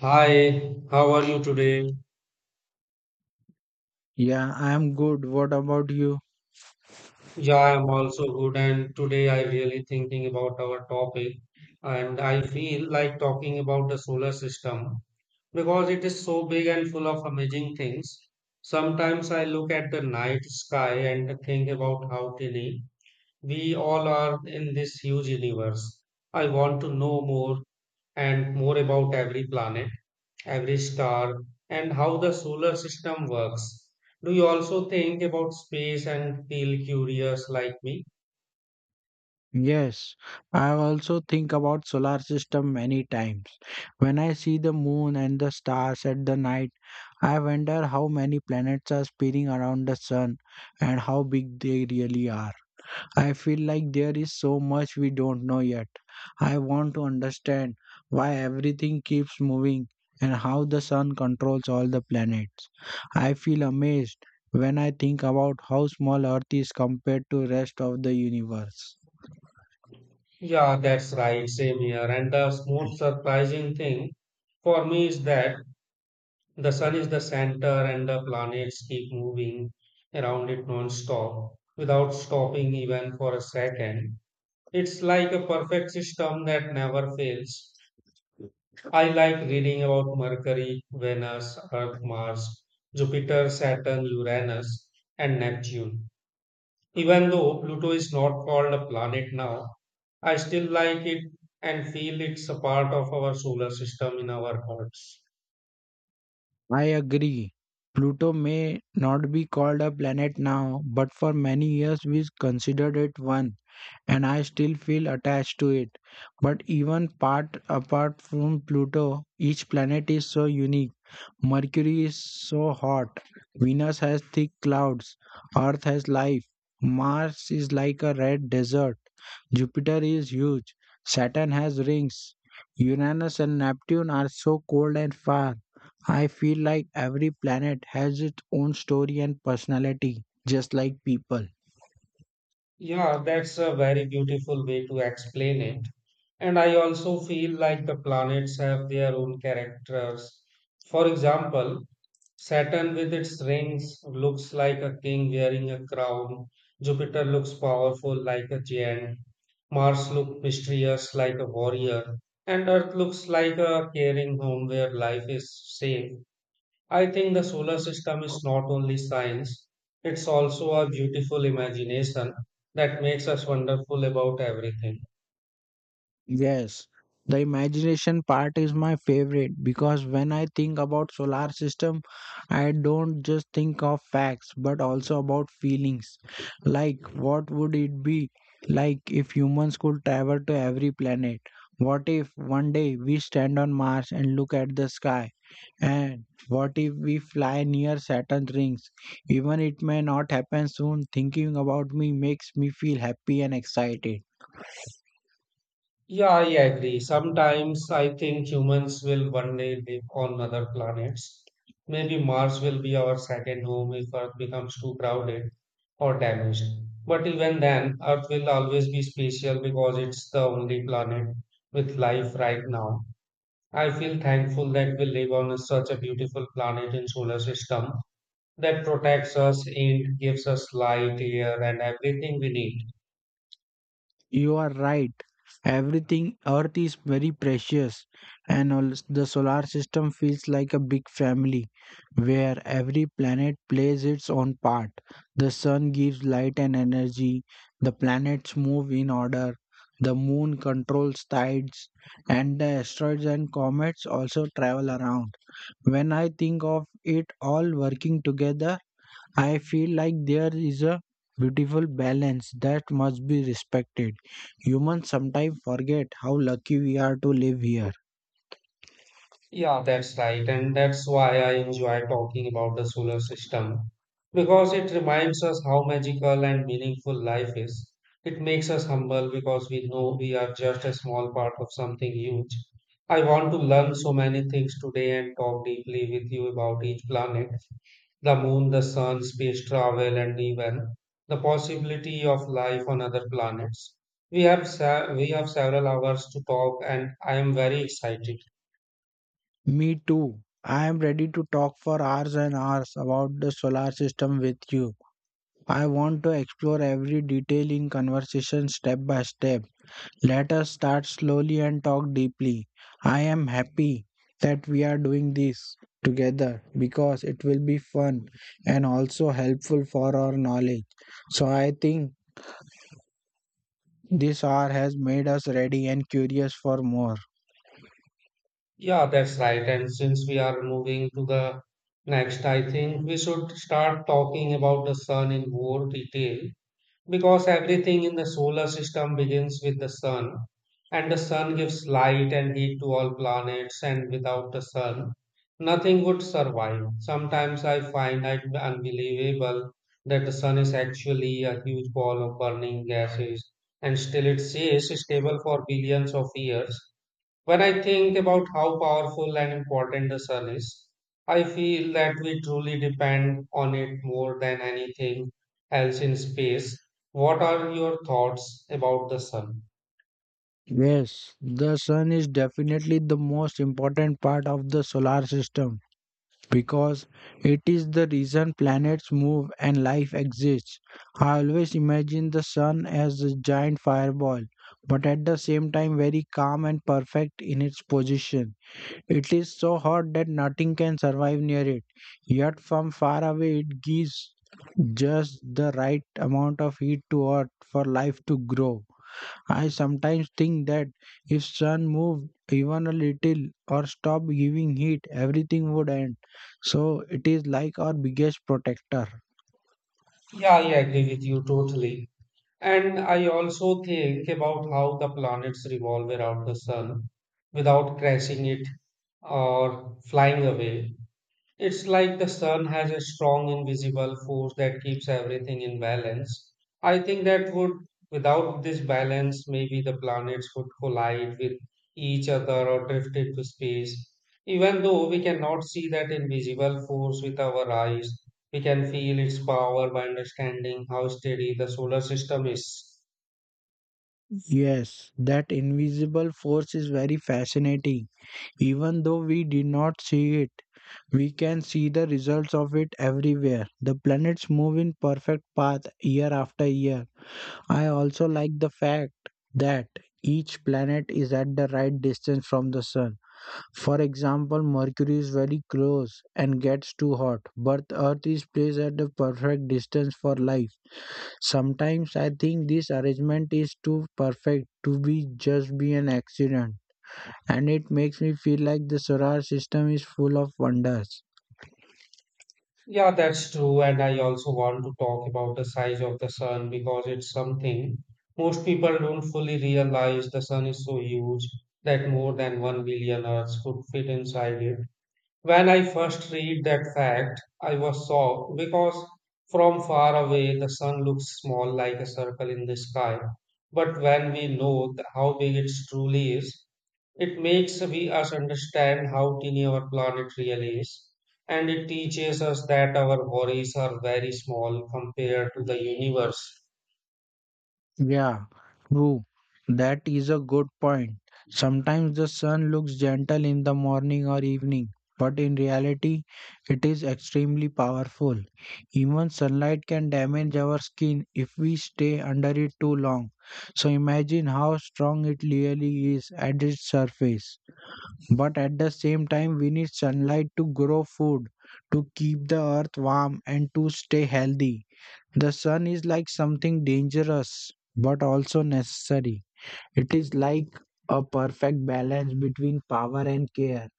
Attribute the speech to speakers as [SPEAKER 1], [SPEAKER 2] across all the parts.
[SPEAKER 1] Hi, how are you today?
[SPEAKER 2] Yeah, I am good. What about you?
[SPEAKER 1] Yeah, I'm also good, and today I really thinking about our topic, and I feel like talking about the solar system because it is so big and full of amazing things. Sometimes I look at the night sky and think about how tiny we all are in this huge universe. I want to know more and more about every planet every star, and how the solar system works. Do you also think about space and feel curious like me?
[SPEAKER 2] Yes, I also think about solar system many times. When I see the moon and the stars at the night, I wonder how many planets are spinning around the sun and how big they really are. I feel like there is so much we don't know yet. I want to understand why everything keeps moving and how the sun controls all the planets. I feel amazed when I think about how small Earth is compared to rest of the universe.
[SPEAKER 1] Yeah, that's right, same here. And the most surprising thing for me is that the sun is the center and the planets keep moving around it non-stop without stopping even for a second. It's like a perfect system that never fails. I like reading about Mercury, Venus, Earth, Mars, Jupiter, Saturn, Uranus, and Neptune. Even though Pluto is not called a planet now, I still like it and feel it's a part of our solar system in our hearts.
[SPEAKER 2] I agree. Pluto may not be called a planet now, but for many years we considered it one, and I still feel attached to it. But even part apart from Pluto, each planet is so unique. Mercury is so hot. Venus has thick clouds. Earth has life. Mars is like a red desert. Jupiter is huge. Saturn has rings. Uranus and Neptune are so cold and far. I feel like every planet has its own story and personality, just like people.
[SPEAKER 1] Yeah, that's a very beautiful way to explain it. And I also feel like the planets have their own characters. For example, Saturn with its rings looks like a king wearing a crown. Jupiter looks powerful like a giant. Mars looks mysterious like a warrior. And Earth looks like a caring home where life is safe. I think the solar system is not only science, it's also a beautiful imagination that makes us wonderful about everything.
[SPEAKER 2] Yes, the imagination part is my favorite because when I think about solar system, I don't just think of facts but also about feelings. Like what would it be like if humans could travel to every planet? What if one day we stand on Mars and look at the sky? And what if we fly near Saturn's rings? Even it may not happen soon, thinking about me makes me feel happy and excited.
[SPEAKER 1] Yeah, I agree. Sometimes I think humans will one day live on other planets. Maybe Mars will be our second home if Earth becomes too crowded or damaged. But even then, Earth will always be special because it's the only planet with life right now. I feel thankful that we live on such a beautiful planet in solar system that protects us, it gives us light, air, and everything we need.
[SPEAKER 2] You are right. Everything Earth is very precious, and all, the solar system feels like a big family where every planet plays its own part. The sun gives light and energy, the planets move in order, the moon controls tides, and the asteroids and comets also travel around. When I think of it all working together, I feel like there is a beautiful balance that must be respected. Humans sometimes forget how lucky we are to live here.
[SPEAKER 1] Yeah, that's right. And that's why I enjoy talking about the solar system because it reminds us how magical and meaningful life is. It makes us humble because we know we are just a small part of something huge. I want to learn so many things today and talk deeply with you about each planet, the moon, the sun, space travel, and even the possibility of life on other planets. We have several hours to talk, and I am very excited.
[SPEAKER 2] Me too. I am ready to talk for hours and hours about the solar system with you. I want to explore every detail in conversation step by step. Let us start slowly and talk deeply. I am happy that we are doing this together because it will be fun and also helpful for our knowledge. So I think this hour has made us ready and curious for more.
[SPEAKER 1] Yeah, that's right. And since we are moving to the next, I think we should start talking about the sun in more detail because everything in the solar system begins with the sun. And the sun gives light and heat to all planets, and without the sun, nothing would survive. Sometimes I find it unbelievable that the sun is actually a huge ball of burning gases, and still it stays stable for billions of years when I think about how powerful and important the sun is, I feel that we truly depend on it more than anything else in space. What are your thoughts about the sun?
[SPEAKER 2] Yes, the sun is definitely the most important part of the solar system, because it is the reason planets move and life exists. I always imagine the sun as a giant fireball, but at the same time very calm and perfect in its position. It is so hot that nothing can survive near it, yet from far away it gives just the right amount of heat to earth for life to grow. I sometimes think that if sun moved even a little or stopped giving heat, everything would end. So it is like our biggest protector.
[SPEAKER 1] Yeah, I agree with you totally. And I also think about how the planets revolve around the sun without crashing it or flying away. It's like the sun has a strong invisible force that keeps everything in balance. I think that would, without this balance, maybe the planets would collide with each other or drift into space. Even though we cannot see that invisible force with our eyes, we can feel its power by understanding how steady the solar system is.
[SPEAKER 2] Yes, that invisible force is very fascinating. Even though we did not see it, we can see the results of it everywhere. The planets move in perfect path year after year. I also like the fact that each planet is at the right distance from the sun. For example, Mercury is very close and gets too hot, but Earth is placed at the perfect distance for life. Sometimes I think this arrangement is too perfect to be just be an accident, and it makes me feel like the solar system is full of wonders.
[SPEAKER 1] Yeah, that's true. And I also want to talk about the size of the sun because it's something most people don't fully realize the sun is so huge that more than 1 billion Earths could fit inside it. When I first read that fact, I was shocked because from far away the sun looks small like a circle in the sky. But when we know how big it truly is, it makes we us understand how tiny our planet really is, and it teaches us that our worries are very small compared to the universe.
[SPEAKER 2] Yeah, true. That is a good point. Sometimes the sun looks gentle in the morning or evening, but in reality, it is extremely powerful. Even sunlight can damage our skin if we stay under it too long. So imagine how strong it really is at its surface. But at the same time, we need sunlight to grow food, to keep the earth warm, and to stay healthy. The sun is like something dangerous but also necessary. It is like a perfect balance between power and care.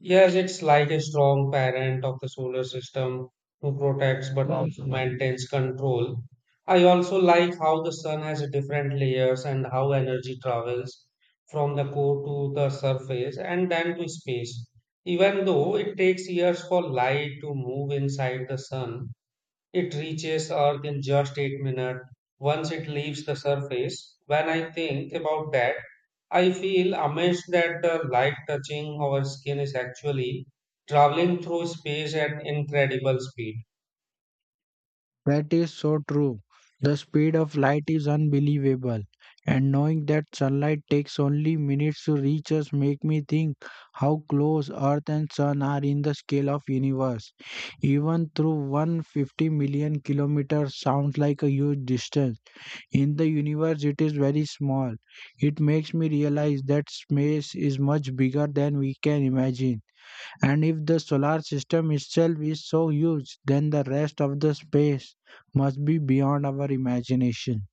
[SPEAKER 1] Yes, it's like a strong parent of the solar system who protects but also maintains control. I also like how the sun has a different layers and how energy travels from the core to the surface and then to space. Even though it takes years for light to move inside the sun, it reaches Earth in just 8 minutes once it leaves the surface. When I think about that, I feel amazed that the light touching our skin is actually traveling through space at incredible speed.
[SPEAKER 2] That is so true. The speed of light is unbelievable. And knowing that sunlight takes only minutes to reach us make me think how close earth and sun are in the scale of universe. Even through 150 million kilometers sounds like a huge distance, in the universe, it is very small. It makes me realize that space is much bigger than we can imagine. And if the solar system itself is so huge, then the rest of the space must be beyond our imagination.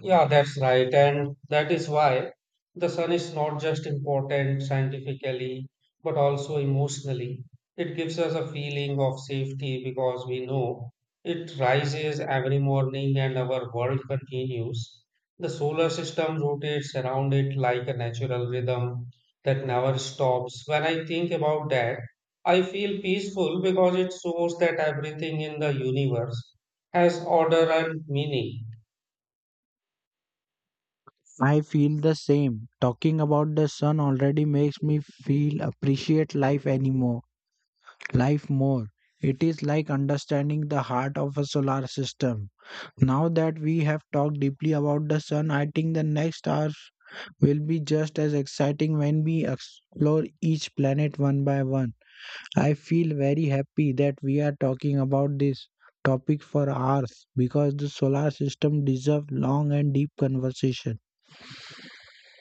[SPEAKER 1] Yeah, that's right. And that is why the sun is not just important scientifically, but also emotionally. It gives us a feeling of safety because we know it rises every morning and our world continues. The solar system rotates around it like a natural rhythm that never stops. When I think about that, I feel peaceful because it shows that everything in the universe has order and meaning.
[SPEAKER 2] I feel the same. Talking about the sun already makes me feel appreciate life anymore, life more. It is like understanding the heart of a solar system. Now that we have talked deeply about the sun, I think the next hour will be just as exciting when we explore each planet one by one. I feel very happy that we are talking about this topic for hours because the solar system deserves long and deep conversation.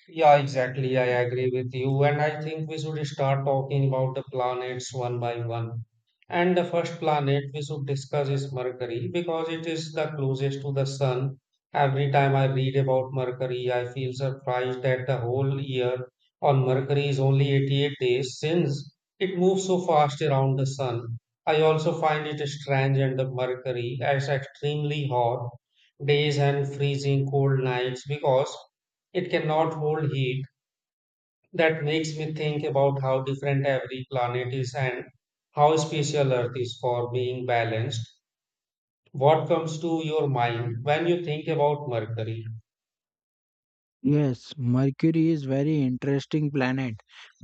[SPEAKER 1] Yeah, exactly. I agree with you. And I think we should start talking about the planets one by one. And the first planet we should discuss is Mercury because it is the closest to the Sun. Every time I read about Mercury, I feel surprised that the whole year on Mercury is only 88 days since it moves so fast around the Sun. I also find it strange and the Mercury as extremely hot days and freezing cold nights because it cannot hold heat. That makes me think about how different every planet is and how special Earth is for being balanced. What comes to your mind when you think about Mercury?
[SPEAKER 2] Yes, Mercury is very interesting planet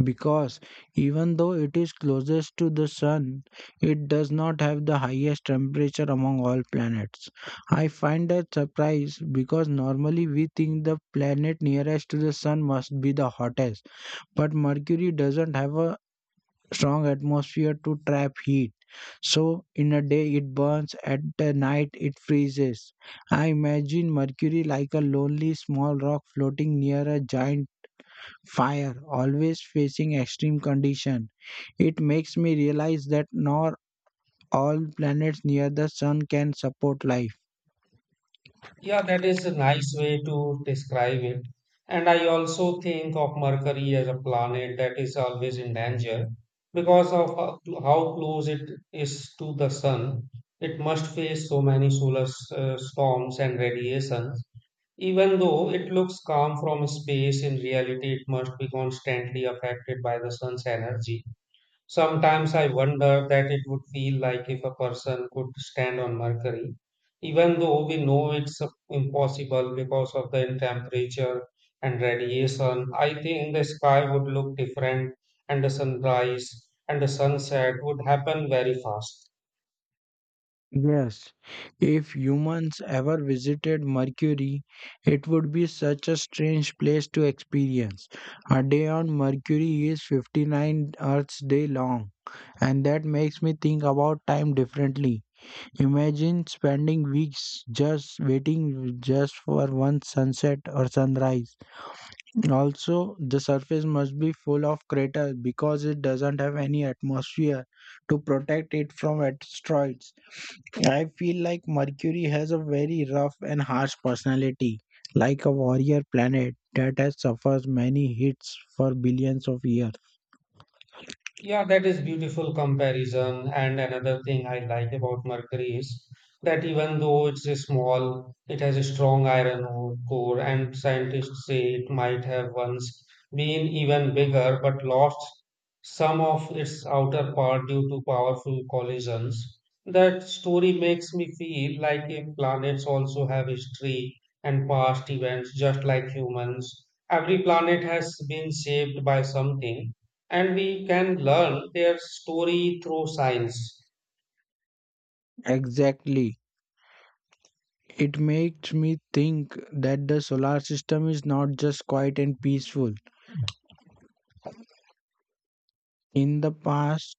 [SPEAKER 2] because even though it is closest to the sun, it does not have the highest temperature among all planets. I find that surprise because normally we think the planet nearest to the sun must be the hottest, but Mercury doesn't have a strong atmosphere to trap heat. So, in a day it burns, at the night it freezes. I imagine Mercury like a lonely small rock floating near a giant fire, always facing extreme condition. It makes me realize that not all planets near the sun can support life.
[SPEAKER 1] Yeah, that is a nice way to describe it. And I also think of Mercury as a planet that is always in danger because of how close it is to the sun. It must face so many solar storms and radiation. Even though it looks calm from space, in reality it must be constantly affected by the sun's energy. Sometimes I wonder that it would feel like if a person could stand on Mercury, even though we know it's impossible because of the temperature and radiation. I think the sky would look different, and the sunrise and the sunset would happen very fast.
[SPEAKER 2] Yes, if humans ever visited Mercury, it would be such a strange place to experience. A day on Mercury is 59 Earth's day long, and that makes me think about time differently. Imagine spending weeks just waiting just for one sunset or sunrise. Also, the surface must be full of craters because it doesn't have any atmosphere to protect it from asteroids. I feel like Mercury has a very rough and harsh personality, like a warrior planet that has suffered many hits for billions of years.
[SPEAKER 1] Yeah, that is beautiful comparison. And another thing I like about mercury is that even though it's a small, it has a strong iron ore core, and scientists say it might have once been even bigger, but lost some of its outer part due to powerful collisions. That story makes me feel like if planets also have history and past events, just like humans. Every planet has been saved by something and we can learn their story through science.
[SPEAKER 2] Exactly. It makes me think that the solar system is not just quiet and peaceful. In the past,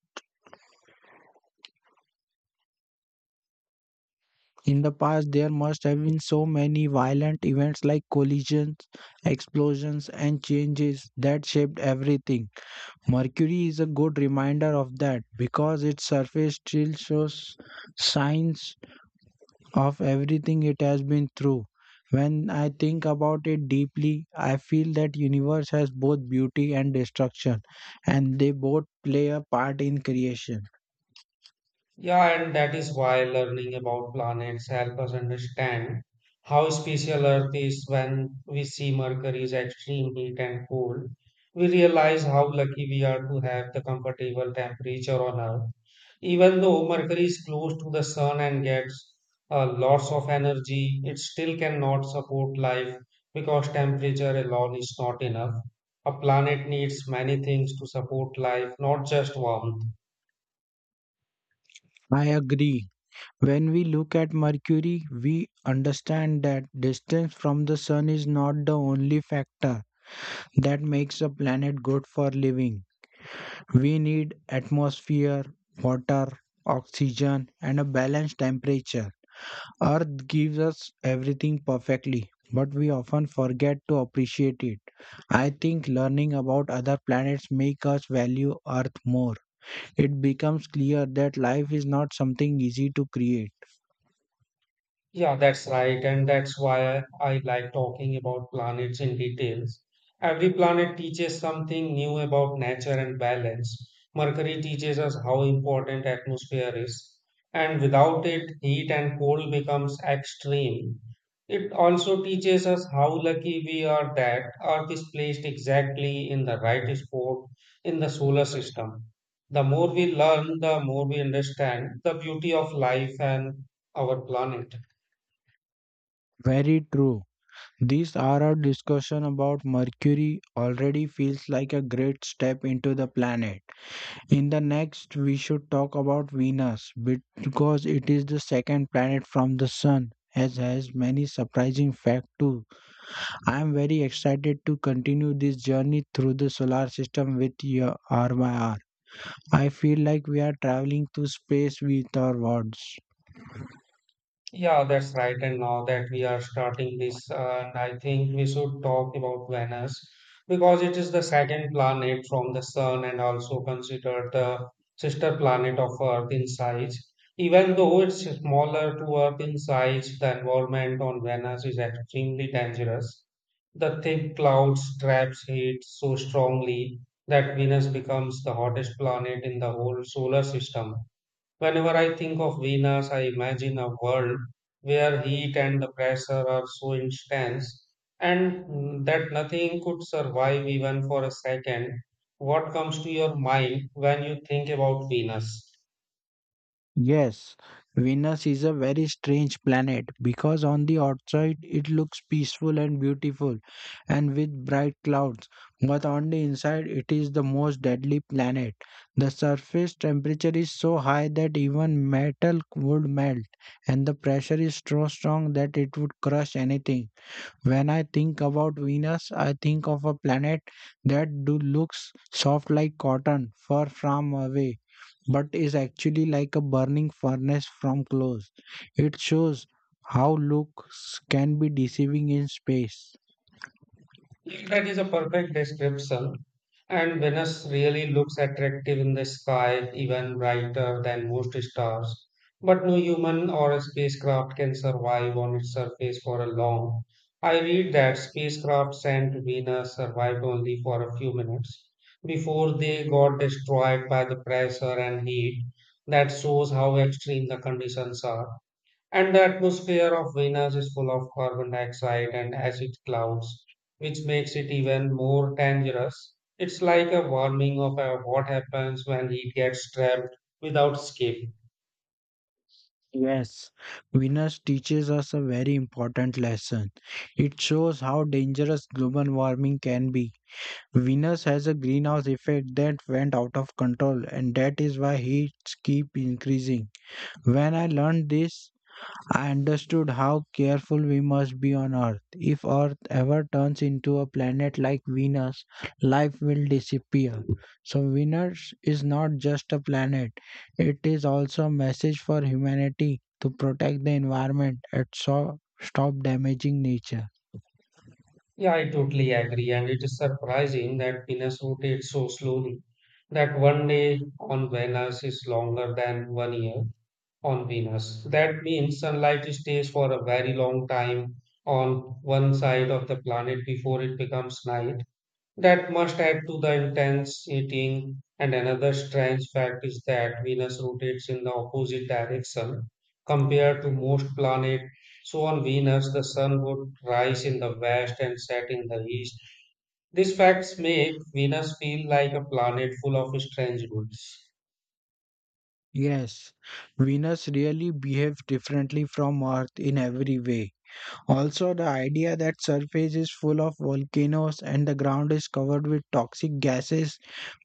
[SPEAKER 2] in the past there must have been so many violent events like collisions, explosions and changes that shaped everything. Mercury is a good reminder of that because its surface still shows signs of everything it has been through. When I think about it deeply, I feel that universe has both beauty and destruction and they both play a part in creation.
[SPEAKER 1] Yeah, and that is why learning about planets help us understand how special Earth is when we see Mercury's extreme heat and cold. We realize how lucky we are to have the comfortable temperature on Earth. Even though Mercury is close to the sun and gets lots of energy, it still cannot support life because temperature alone is not enough. A planet needs many things to support life, not just warmth.
[SPEAKER 2] I agree. When we look at Mercury, we understand that distance from the sun is not the only factor that makes a planet good for living. We need atmosphere, water, oxygen, and a balanced temperature. Earth gives us everything perfectly, but we often forget to appreciate it. I think learning about other planets make us value Earth more. It becomes clear that life is not something easy to create.
[SPEAKER 1] Yeah, that's right. And that's why I like talking about planets in details. Every planet teaches something new about nature and balance. Mercury teaches us how important atmosphere is. And without it, heat and cold becomes extreme. It also teaches us how lucky we are that Earth is placed exactly in the right spot in the solar system. The more we learn, the more we understand the beauty of life and our planet.
[SPEAKER 2] Very true. This hour discussion about Mercury already feels like a great step into the planet. In the next, we should talk about Venus because it is the second planet from the Sun, as has many surprising facts too. I am very excited to continue this journey through the solar system with your R by R. I feel like we are traveling through space with our words.
[SPEAKER 1] Yeah, that's right. And now that we are starting this, I think we should talk about Venus because it is the second planet from the Sun and also considered the sister planet of Earth in size. Even though it's smaller to Earth in size, the environment on Venus is extremely dangerous. The thick clouds traps heat so strongly that Venus becomes the hottest planet in the whole solar system. Whenever I think of Venus, I imagine a world where heat and the pressure are so intense and that nothing could survive even for a second. What comes to your mind when you think about Venus?
[SPEAKER 2] Yes, Venus is a very strange planet because on the outside it looks peaceful and beautiful and with bright clouds, but on the inside it is the most deadly planet. The surface temperature is so high that even metal would melt, and the pressure is so strong that it would crush anything. When I think about Venus, I think of a planet that do looks soft like cotton far from away, but is actually like a burning furnace from close. It shows how looks can be deceiving in space.
[SPEAKER 1] Yeah, that is a perfect description. And Venus really looks attractive in the sky, even brighter than most stars. But no human or spacecraft can survive on its surface for a long. I read that spacecraft sent to Venus survived only for a few minutes before they got destroyed by the pressure and heat. That shows how extreme the conditions are. And the atmosphere of Venus is full of carbon dioxide and acid clouds, which makes it even more dangerous. It's like a warning of what happens when heat gets trapped without escape.
[SPEAKER 2] Yes, Venus teaches us a very important lesson. It shows how dangerous global warming can be. Venus has a greenhouse effect that went out of control, and that is why heats keep increasing. When I learned this, I understood how careful we must be on Earth. If Earth ever turns into a planet like Venus, life will disappear. So, Venus is not just a planet, it is also a message for humanity to protect the environment and so stop damaging nature.
[SPEAKER 1] Yeah, I totally agree. And it is surprising that Venus rotates so slowly that one day on Venus is longer than one year on Venus. That means sunlight stays for a very long time on one side of the planet before it becomes night. That must add to the intense eating. And another strange fact is that Venus rotates in the opposite direction compared to most planets. So on Venus, the sun would rise in the west and set in the east. These facts make Venus feel like a planet full of strange good.
[SPEAKER 2] Yes, Venus really behaves differently from Earth in every way. Also, the idea that surface is full of volcanoes and the ground is covered with toxic gases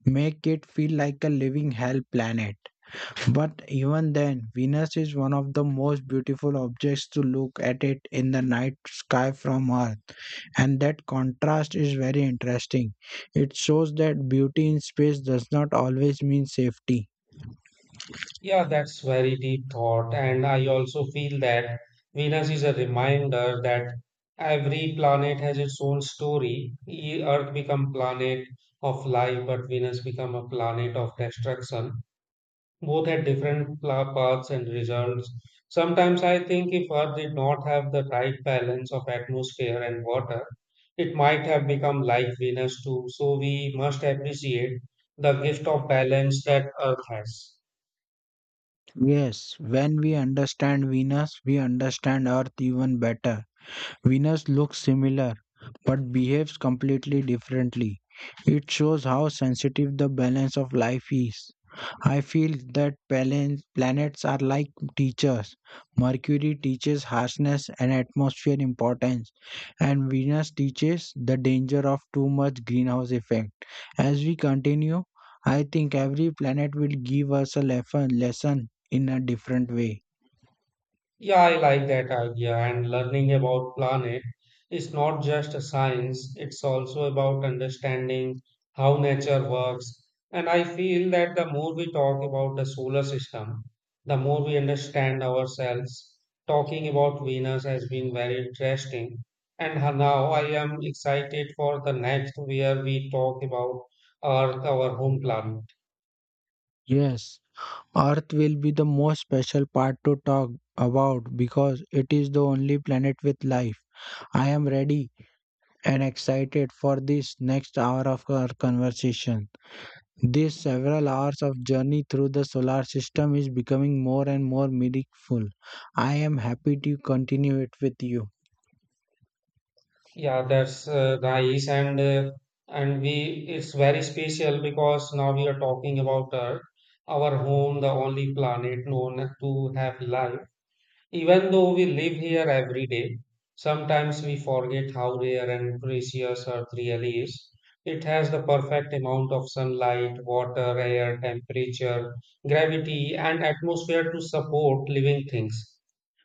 [SPEAKER 2] make it feel like a living hell planet. But even then, Venus is one of the most beautiful objects to look at it in the night sky from Earth, and that contrast is very interesting. It shows that beauty in space does not always mean safety.
[SPEAKER 1] Yeah, that's very deep thought. And I also feel that Venus is a reminder that every planet has its own story. Earth become planet of life, but Venus become a planet of destruction. Both had different paths and results. Sometimes I think if Earth did not have the right balance of atmosphere and water, it might have become like Venus too. So we must appreciate the gift of balance that Earth has.
[SPEAKER 2] Yes, when we understand Venus, we understand Earth even better. Venus looks similar but behaves completely differently. It shows how sensitive the balance of life is. I feel that balance, planets are like teachers. Mercury teaches harshness and atmosphere importance, and Venus teaches the danger of too much greenhouse effect. As we continue, I think every planet will give us a lesson in a different way.
[SPEAKER 1] Yeah, I like that idea. And learning about planet is not just a science, it's also about understanding how nature works. And I feel that the more we talk about the solar system, the more we understand ourselves. Talking about Venus has been very interesting. And now I am excited for the next where we talk about Earth, our home planet.
[SPEAKER 2] Yes. Earth will be the most special part to talk about because it is the only planet with life. I am ready and excited for this next hour of our conversation. These several hours of journey through the solar system is becoming more and more meaningful. I am happy to continue it with you.
[SPEAKER 1] Yeah, that's nice, and we it's very special because now we are talking about Earth, our home, the only planet known to have life. Even though we live here every day, sometimes we forget how rare and precious Earth really is. It has the perfect amount of sunlight, water, air, temperature, gravity, and atmosphere to support living things.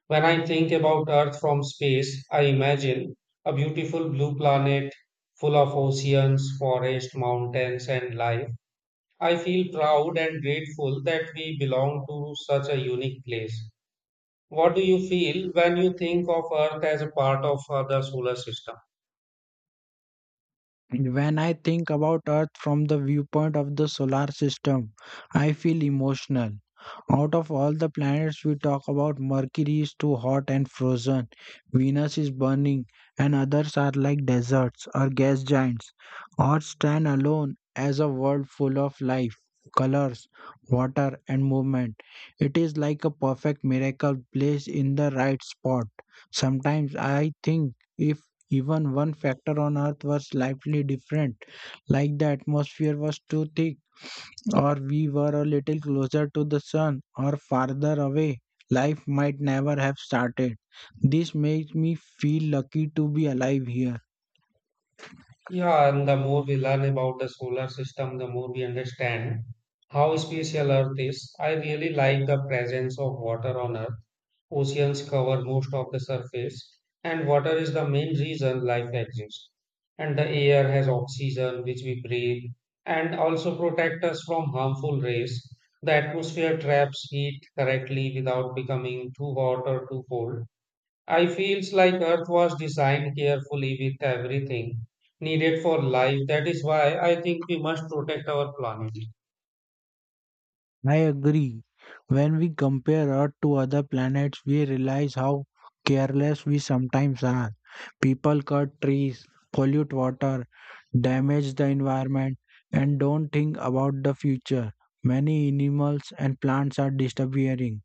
[SPEAKER 1] When I think about Earth from space, I imagine a beautiful blue planet full of oceans, forests, mountains, and life. I feel proud and grateful that we belong to such a unique place. What do you feel when you think of Earth as a part of the solar system?
[SPEAKER 2] When I think about Earth from the viewpoint of the solar system, I feel emotional. Out of all the planets we talk about, Mercury is too hot and frozen, Venus is burning, and others are like deserts or gas giants, Earth stands alone as a world full of life, colors, water, and movement. It is like a perfect miracle placed in the right spot. Sometimes I think if even one factor on Earth was slightly different, like the atmosphere was too thick or we were a little closer to the sun or farther away, life might never have started. This makes me feel lucky to be alive here.
[SPEAKER 1] Yeah, and the more we learn about the solar system, the more we understand how special Earth is. I really like the presence of water on Earth. Oceans cover most of the surface, and water is the main reason life exists. And the air has oxygen, which we breathe, and also protect us from harmful rays. The atmosphere traps heat correctly without becoming too hot or too cold. I feels like Earth was designed carefully with everything needed for life. That is why I think we must protect our planet.
[SPEAKER 2] I agree. When we compare Earth to other planets, we realize how careless we sometimes are. People cut trees, pollute water, damage the environment, and don't think about the future. Many animals and plants are disappearing.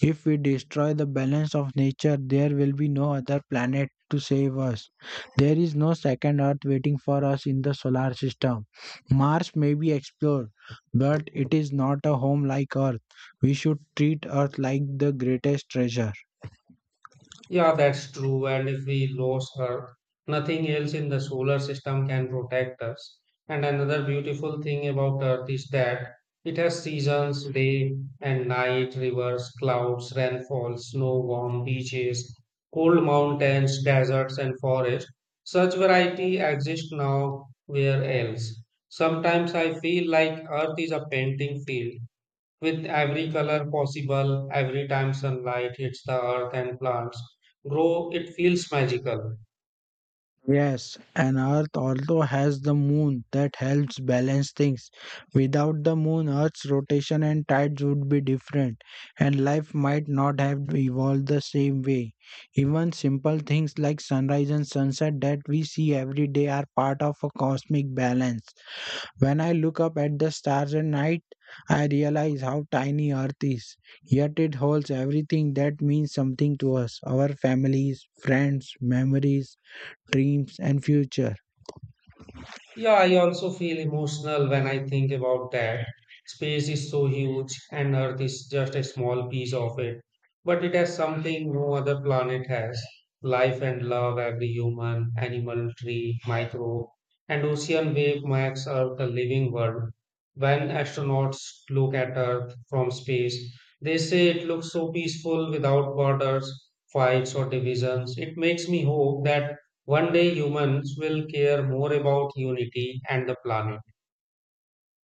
[SPEAKER 2] If we destroy the balance of nature, there will be no other planet to save us. There is no second Earth waiting for us in the solar system. Mars may be explored, but it is not a home like Earth. We should treat Earth like the greatest treasure.
[SPEAKER 1] Yeah, that's true. And if we lose Earth, nothing else in the solar system can protect us. And another beautiful thing about Earth is that it has seasons, day and night, rivers, clouds, rainfall, snow, warm beaches, cold mountains, deserts, and forests. Such variety exists now where else. Sometimes I feel like Earth is a painting field with every color possible. Every time sunlight hits the earth and plants grow, it feels magical.
[SPEAKER 2] Yes, and Earth also has the moon that helps balance things. Without the moon, Earth's rotation and tides would be different, and life might not have evolved the same way. Even simple things like sunrise and sunset that we see every day are part of a cosmic balance. When I look up at the stars at night, I realize how tiny Earth is, yet it holds everything that means something to us, our families, friends, memories, dreams, and future.
[SPEAKER 1] Yeah, I also feel emotional when I think about that. Space is so huge, and Earth is just a small piece of it. But it has something no other planet has: life and love. Every human, animal, tree, microbe, and ocean wave makes Earth a living world. When astronauts look at Earth from space, they say it looks so peaceful, without borders, fights, or divisions. It makes me hope that one day humans will care more about unity and the planet.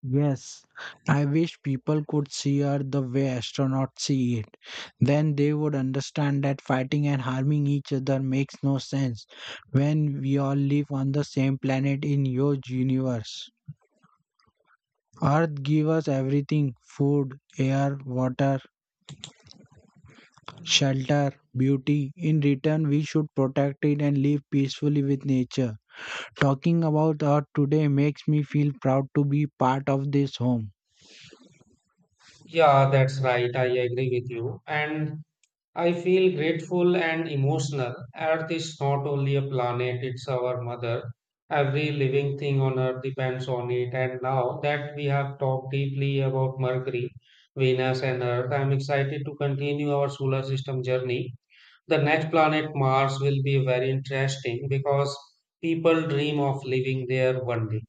[SPEAKER 2] Yes, I wish people could see Earth the way astronauts see it. Then they would understand that fighting and harming each other makes no sense when we all live on the same planet in huge universe. Earth gives us everything, food, air, water, shelter, beauty. In return, we should protect it and live peacefully with nature. Talking about Earth today makes me feel proud to be part of this home.
[SPEAKER 1] Yeah, that's right. I agree with you. And I feel grateful and emotional. Earth is not only a planet, it's our mother. Every living thing on Earth depends on it. And now that we have talked deeply about Mercury, Venus, and Earth, I'm excited to continue our solar system journey. The next planet, Mars, will be very interesting because people dream of living there one day.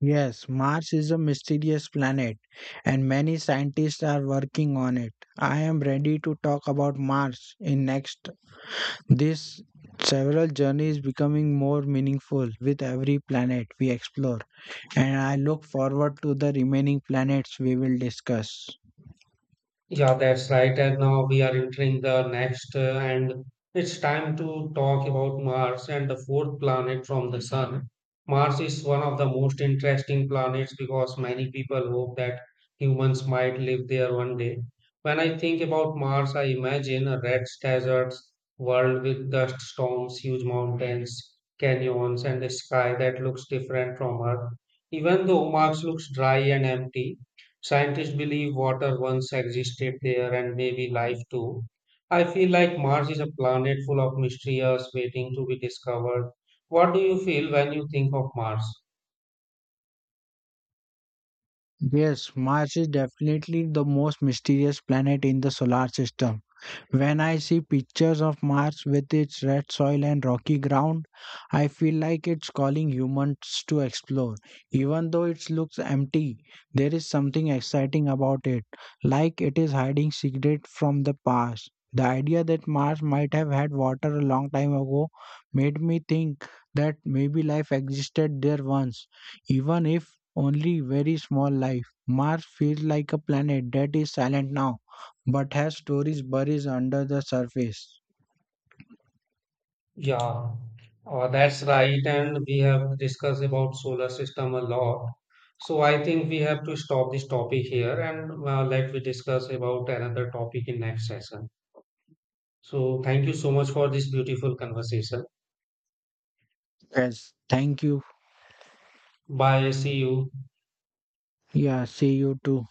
[SPEAKER 2] Yes, Mars is a mysterious planet, and many scientists are working on it. I am ready to talk about Mars in next. This several journey is becoming more meaningful with every planet we explore, and I look forward to the remaining planets we will discuss.
[SPEAKER 1] Yeah, that's right. And now we are entering the next, and it's time to talk about Mars and the fourth planet from the Sun. Mars is one of the most interesting planets because many people hope that humans might live there one day. When I think about Mars, I imagine a red desert world with dust storms, huge mountains, canyons, and a sky that looks different from Earth. Even though Mars looks dry and empty, scientists believe water once existed there and maybe life too. I feel like Mars is a planet full of mysteries waiting to be discovered. What do you feel when you think of Mars?
[SPEAKER 2] Yes, Mars is definitely the most mysterious planet in the solar system. When I see pictures of Mars with its red soil and rocky ground, I feel like it's calling humans to explore. Even though it looks empty, there is something exciting about it, like it is hiding secrets from the past. The idea that Mars might have had water a long time ago made me think that maybe life existed there once, even if only very small life. Mars feels like a planet that is silent now but has stories buried under the surface.
[SPEAKER 1] Yeah, that's right. And we have discussed about solar system a lot. So I think we have to stop this topic here, and let we discuss about another topic in next session. So thank you so much for this beautiful conversation.
[SPEAKER 2] Yes, thank you.
[SPEAKER 1] Bye. See you.
[SPEAKER 2] Yeah, see you too.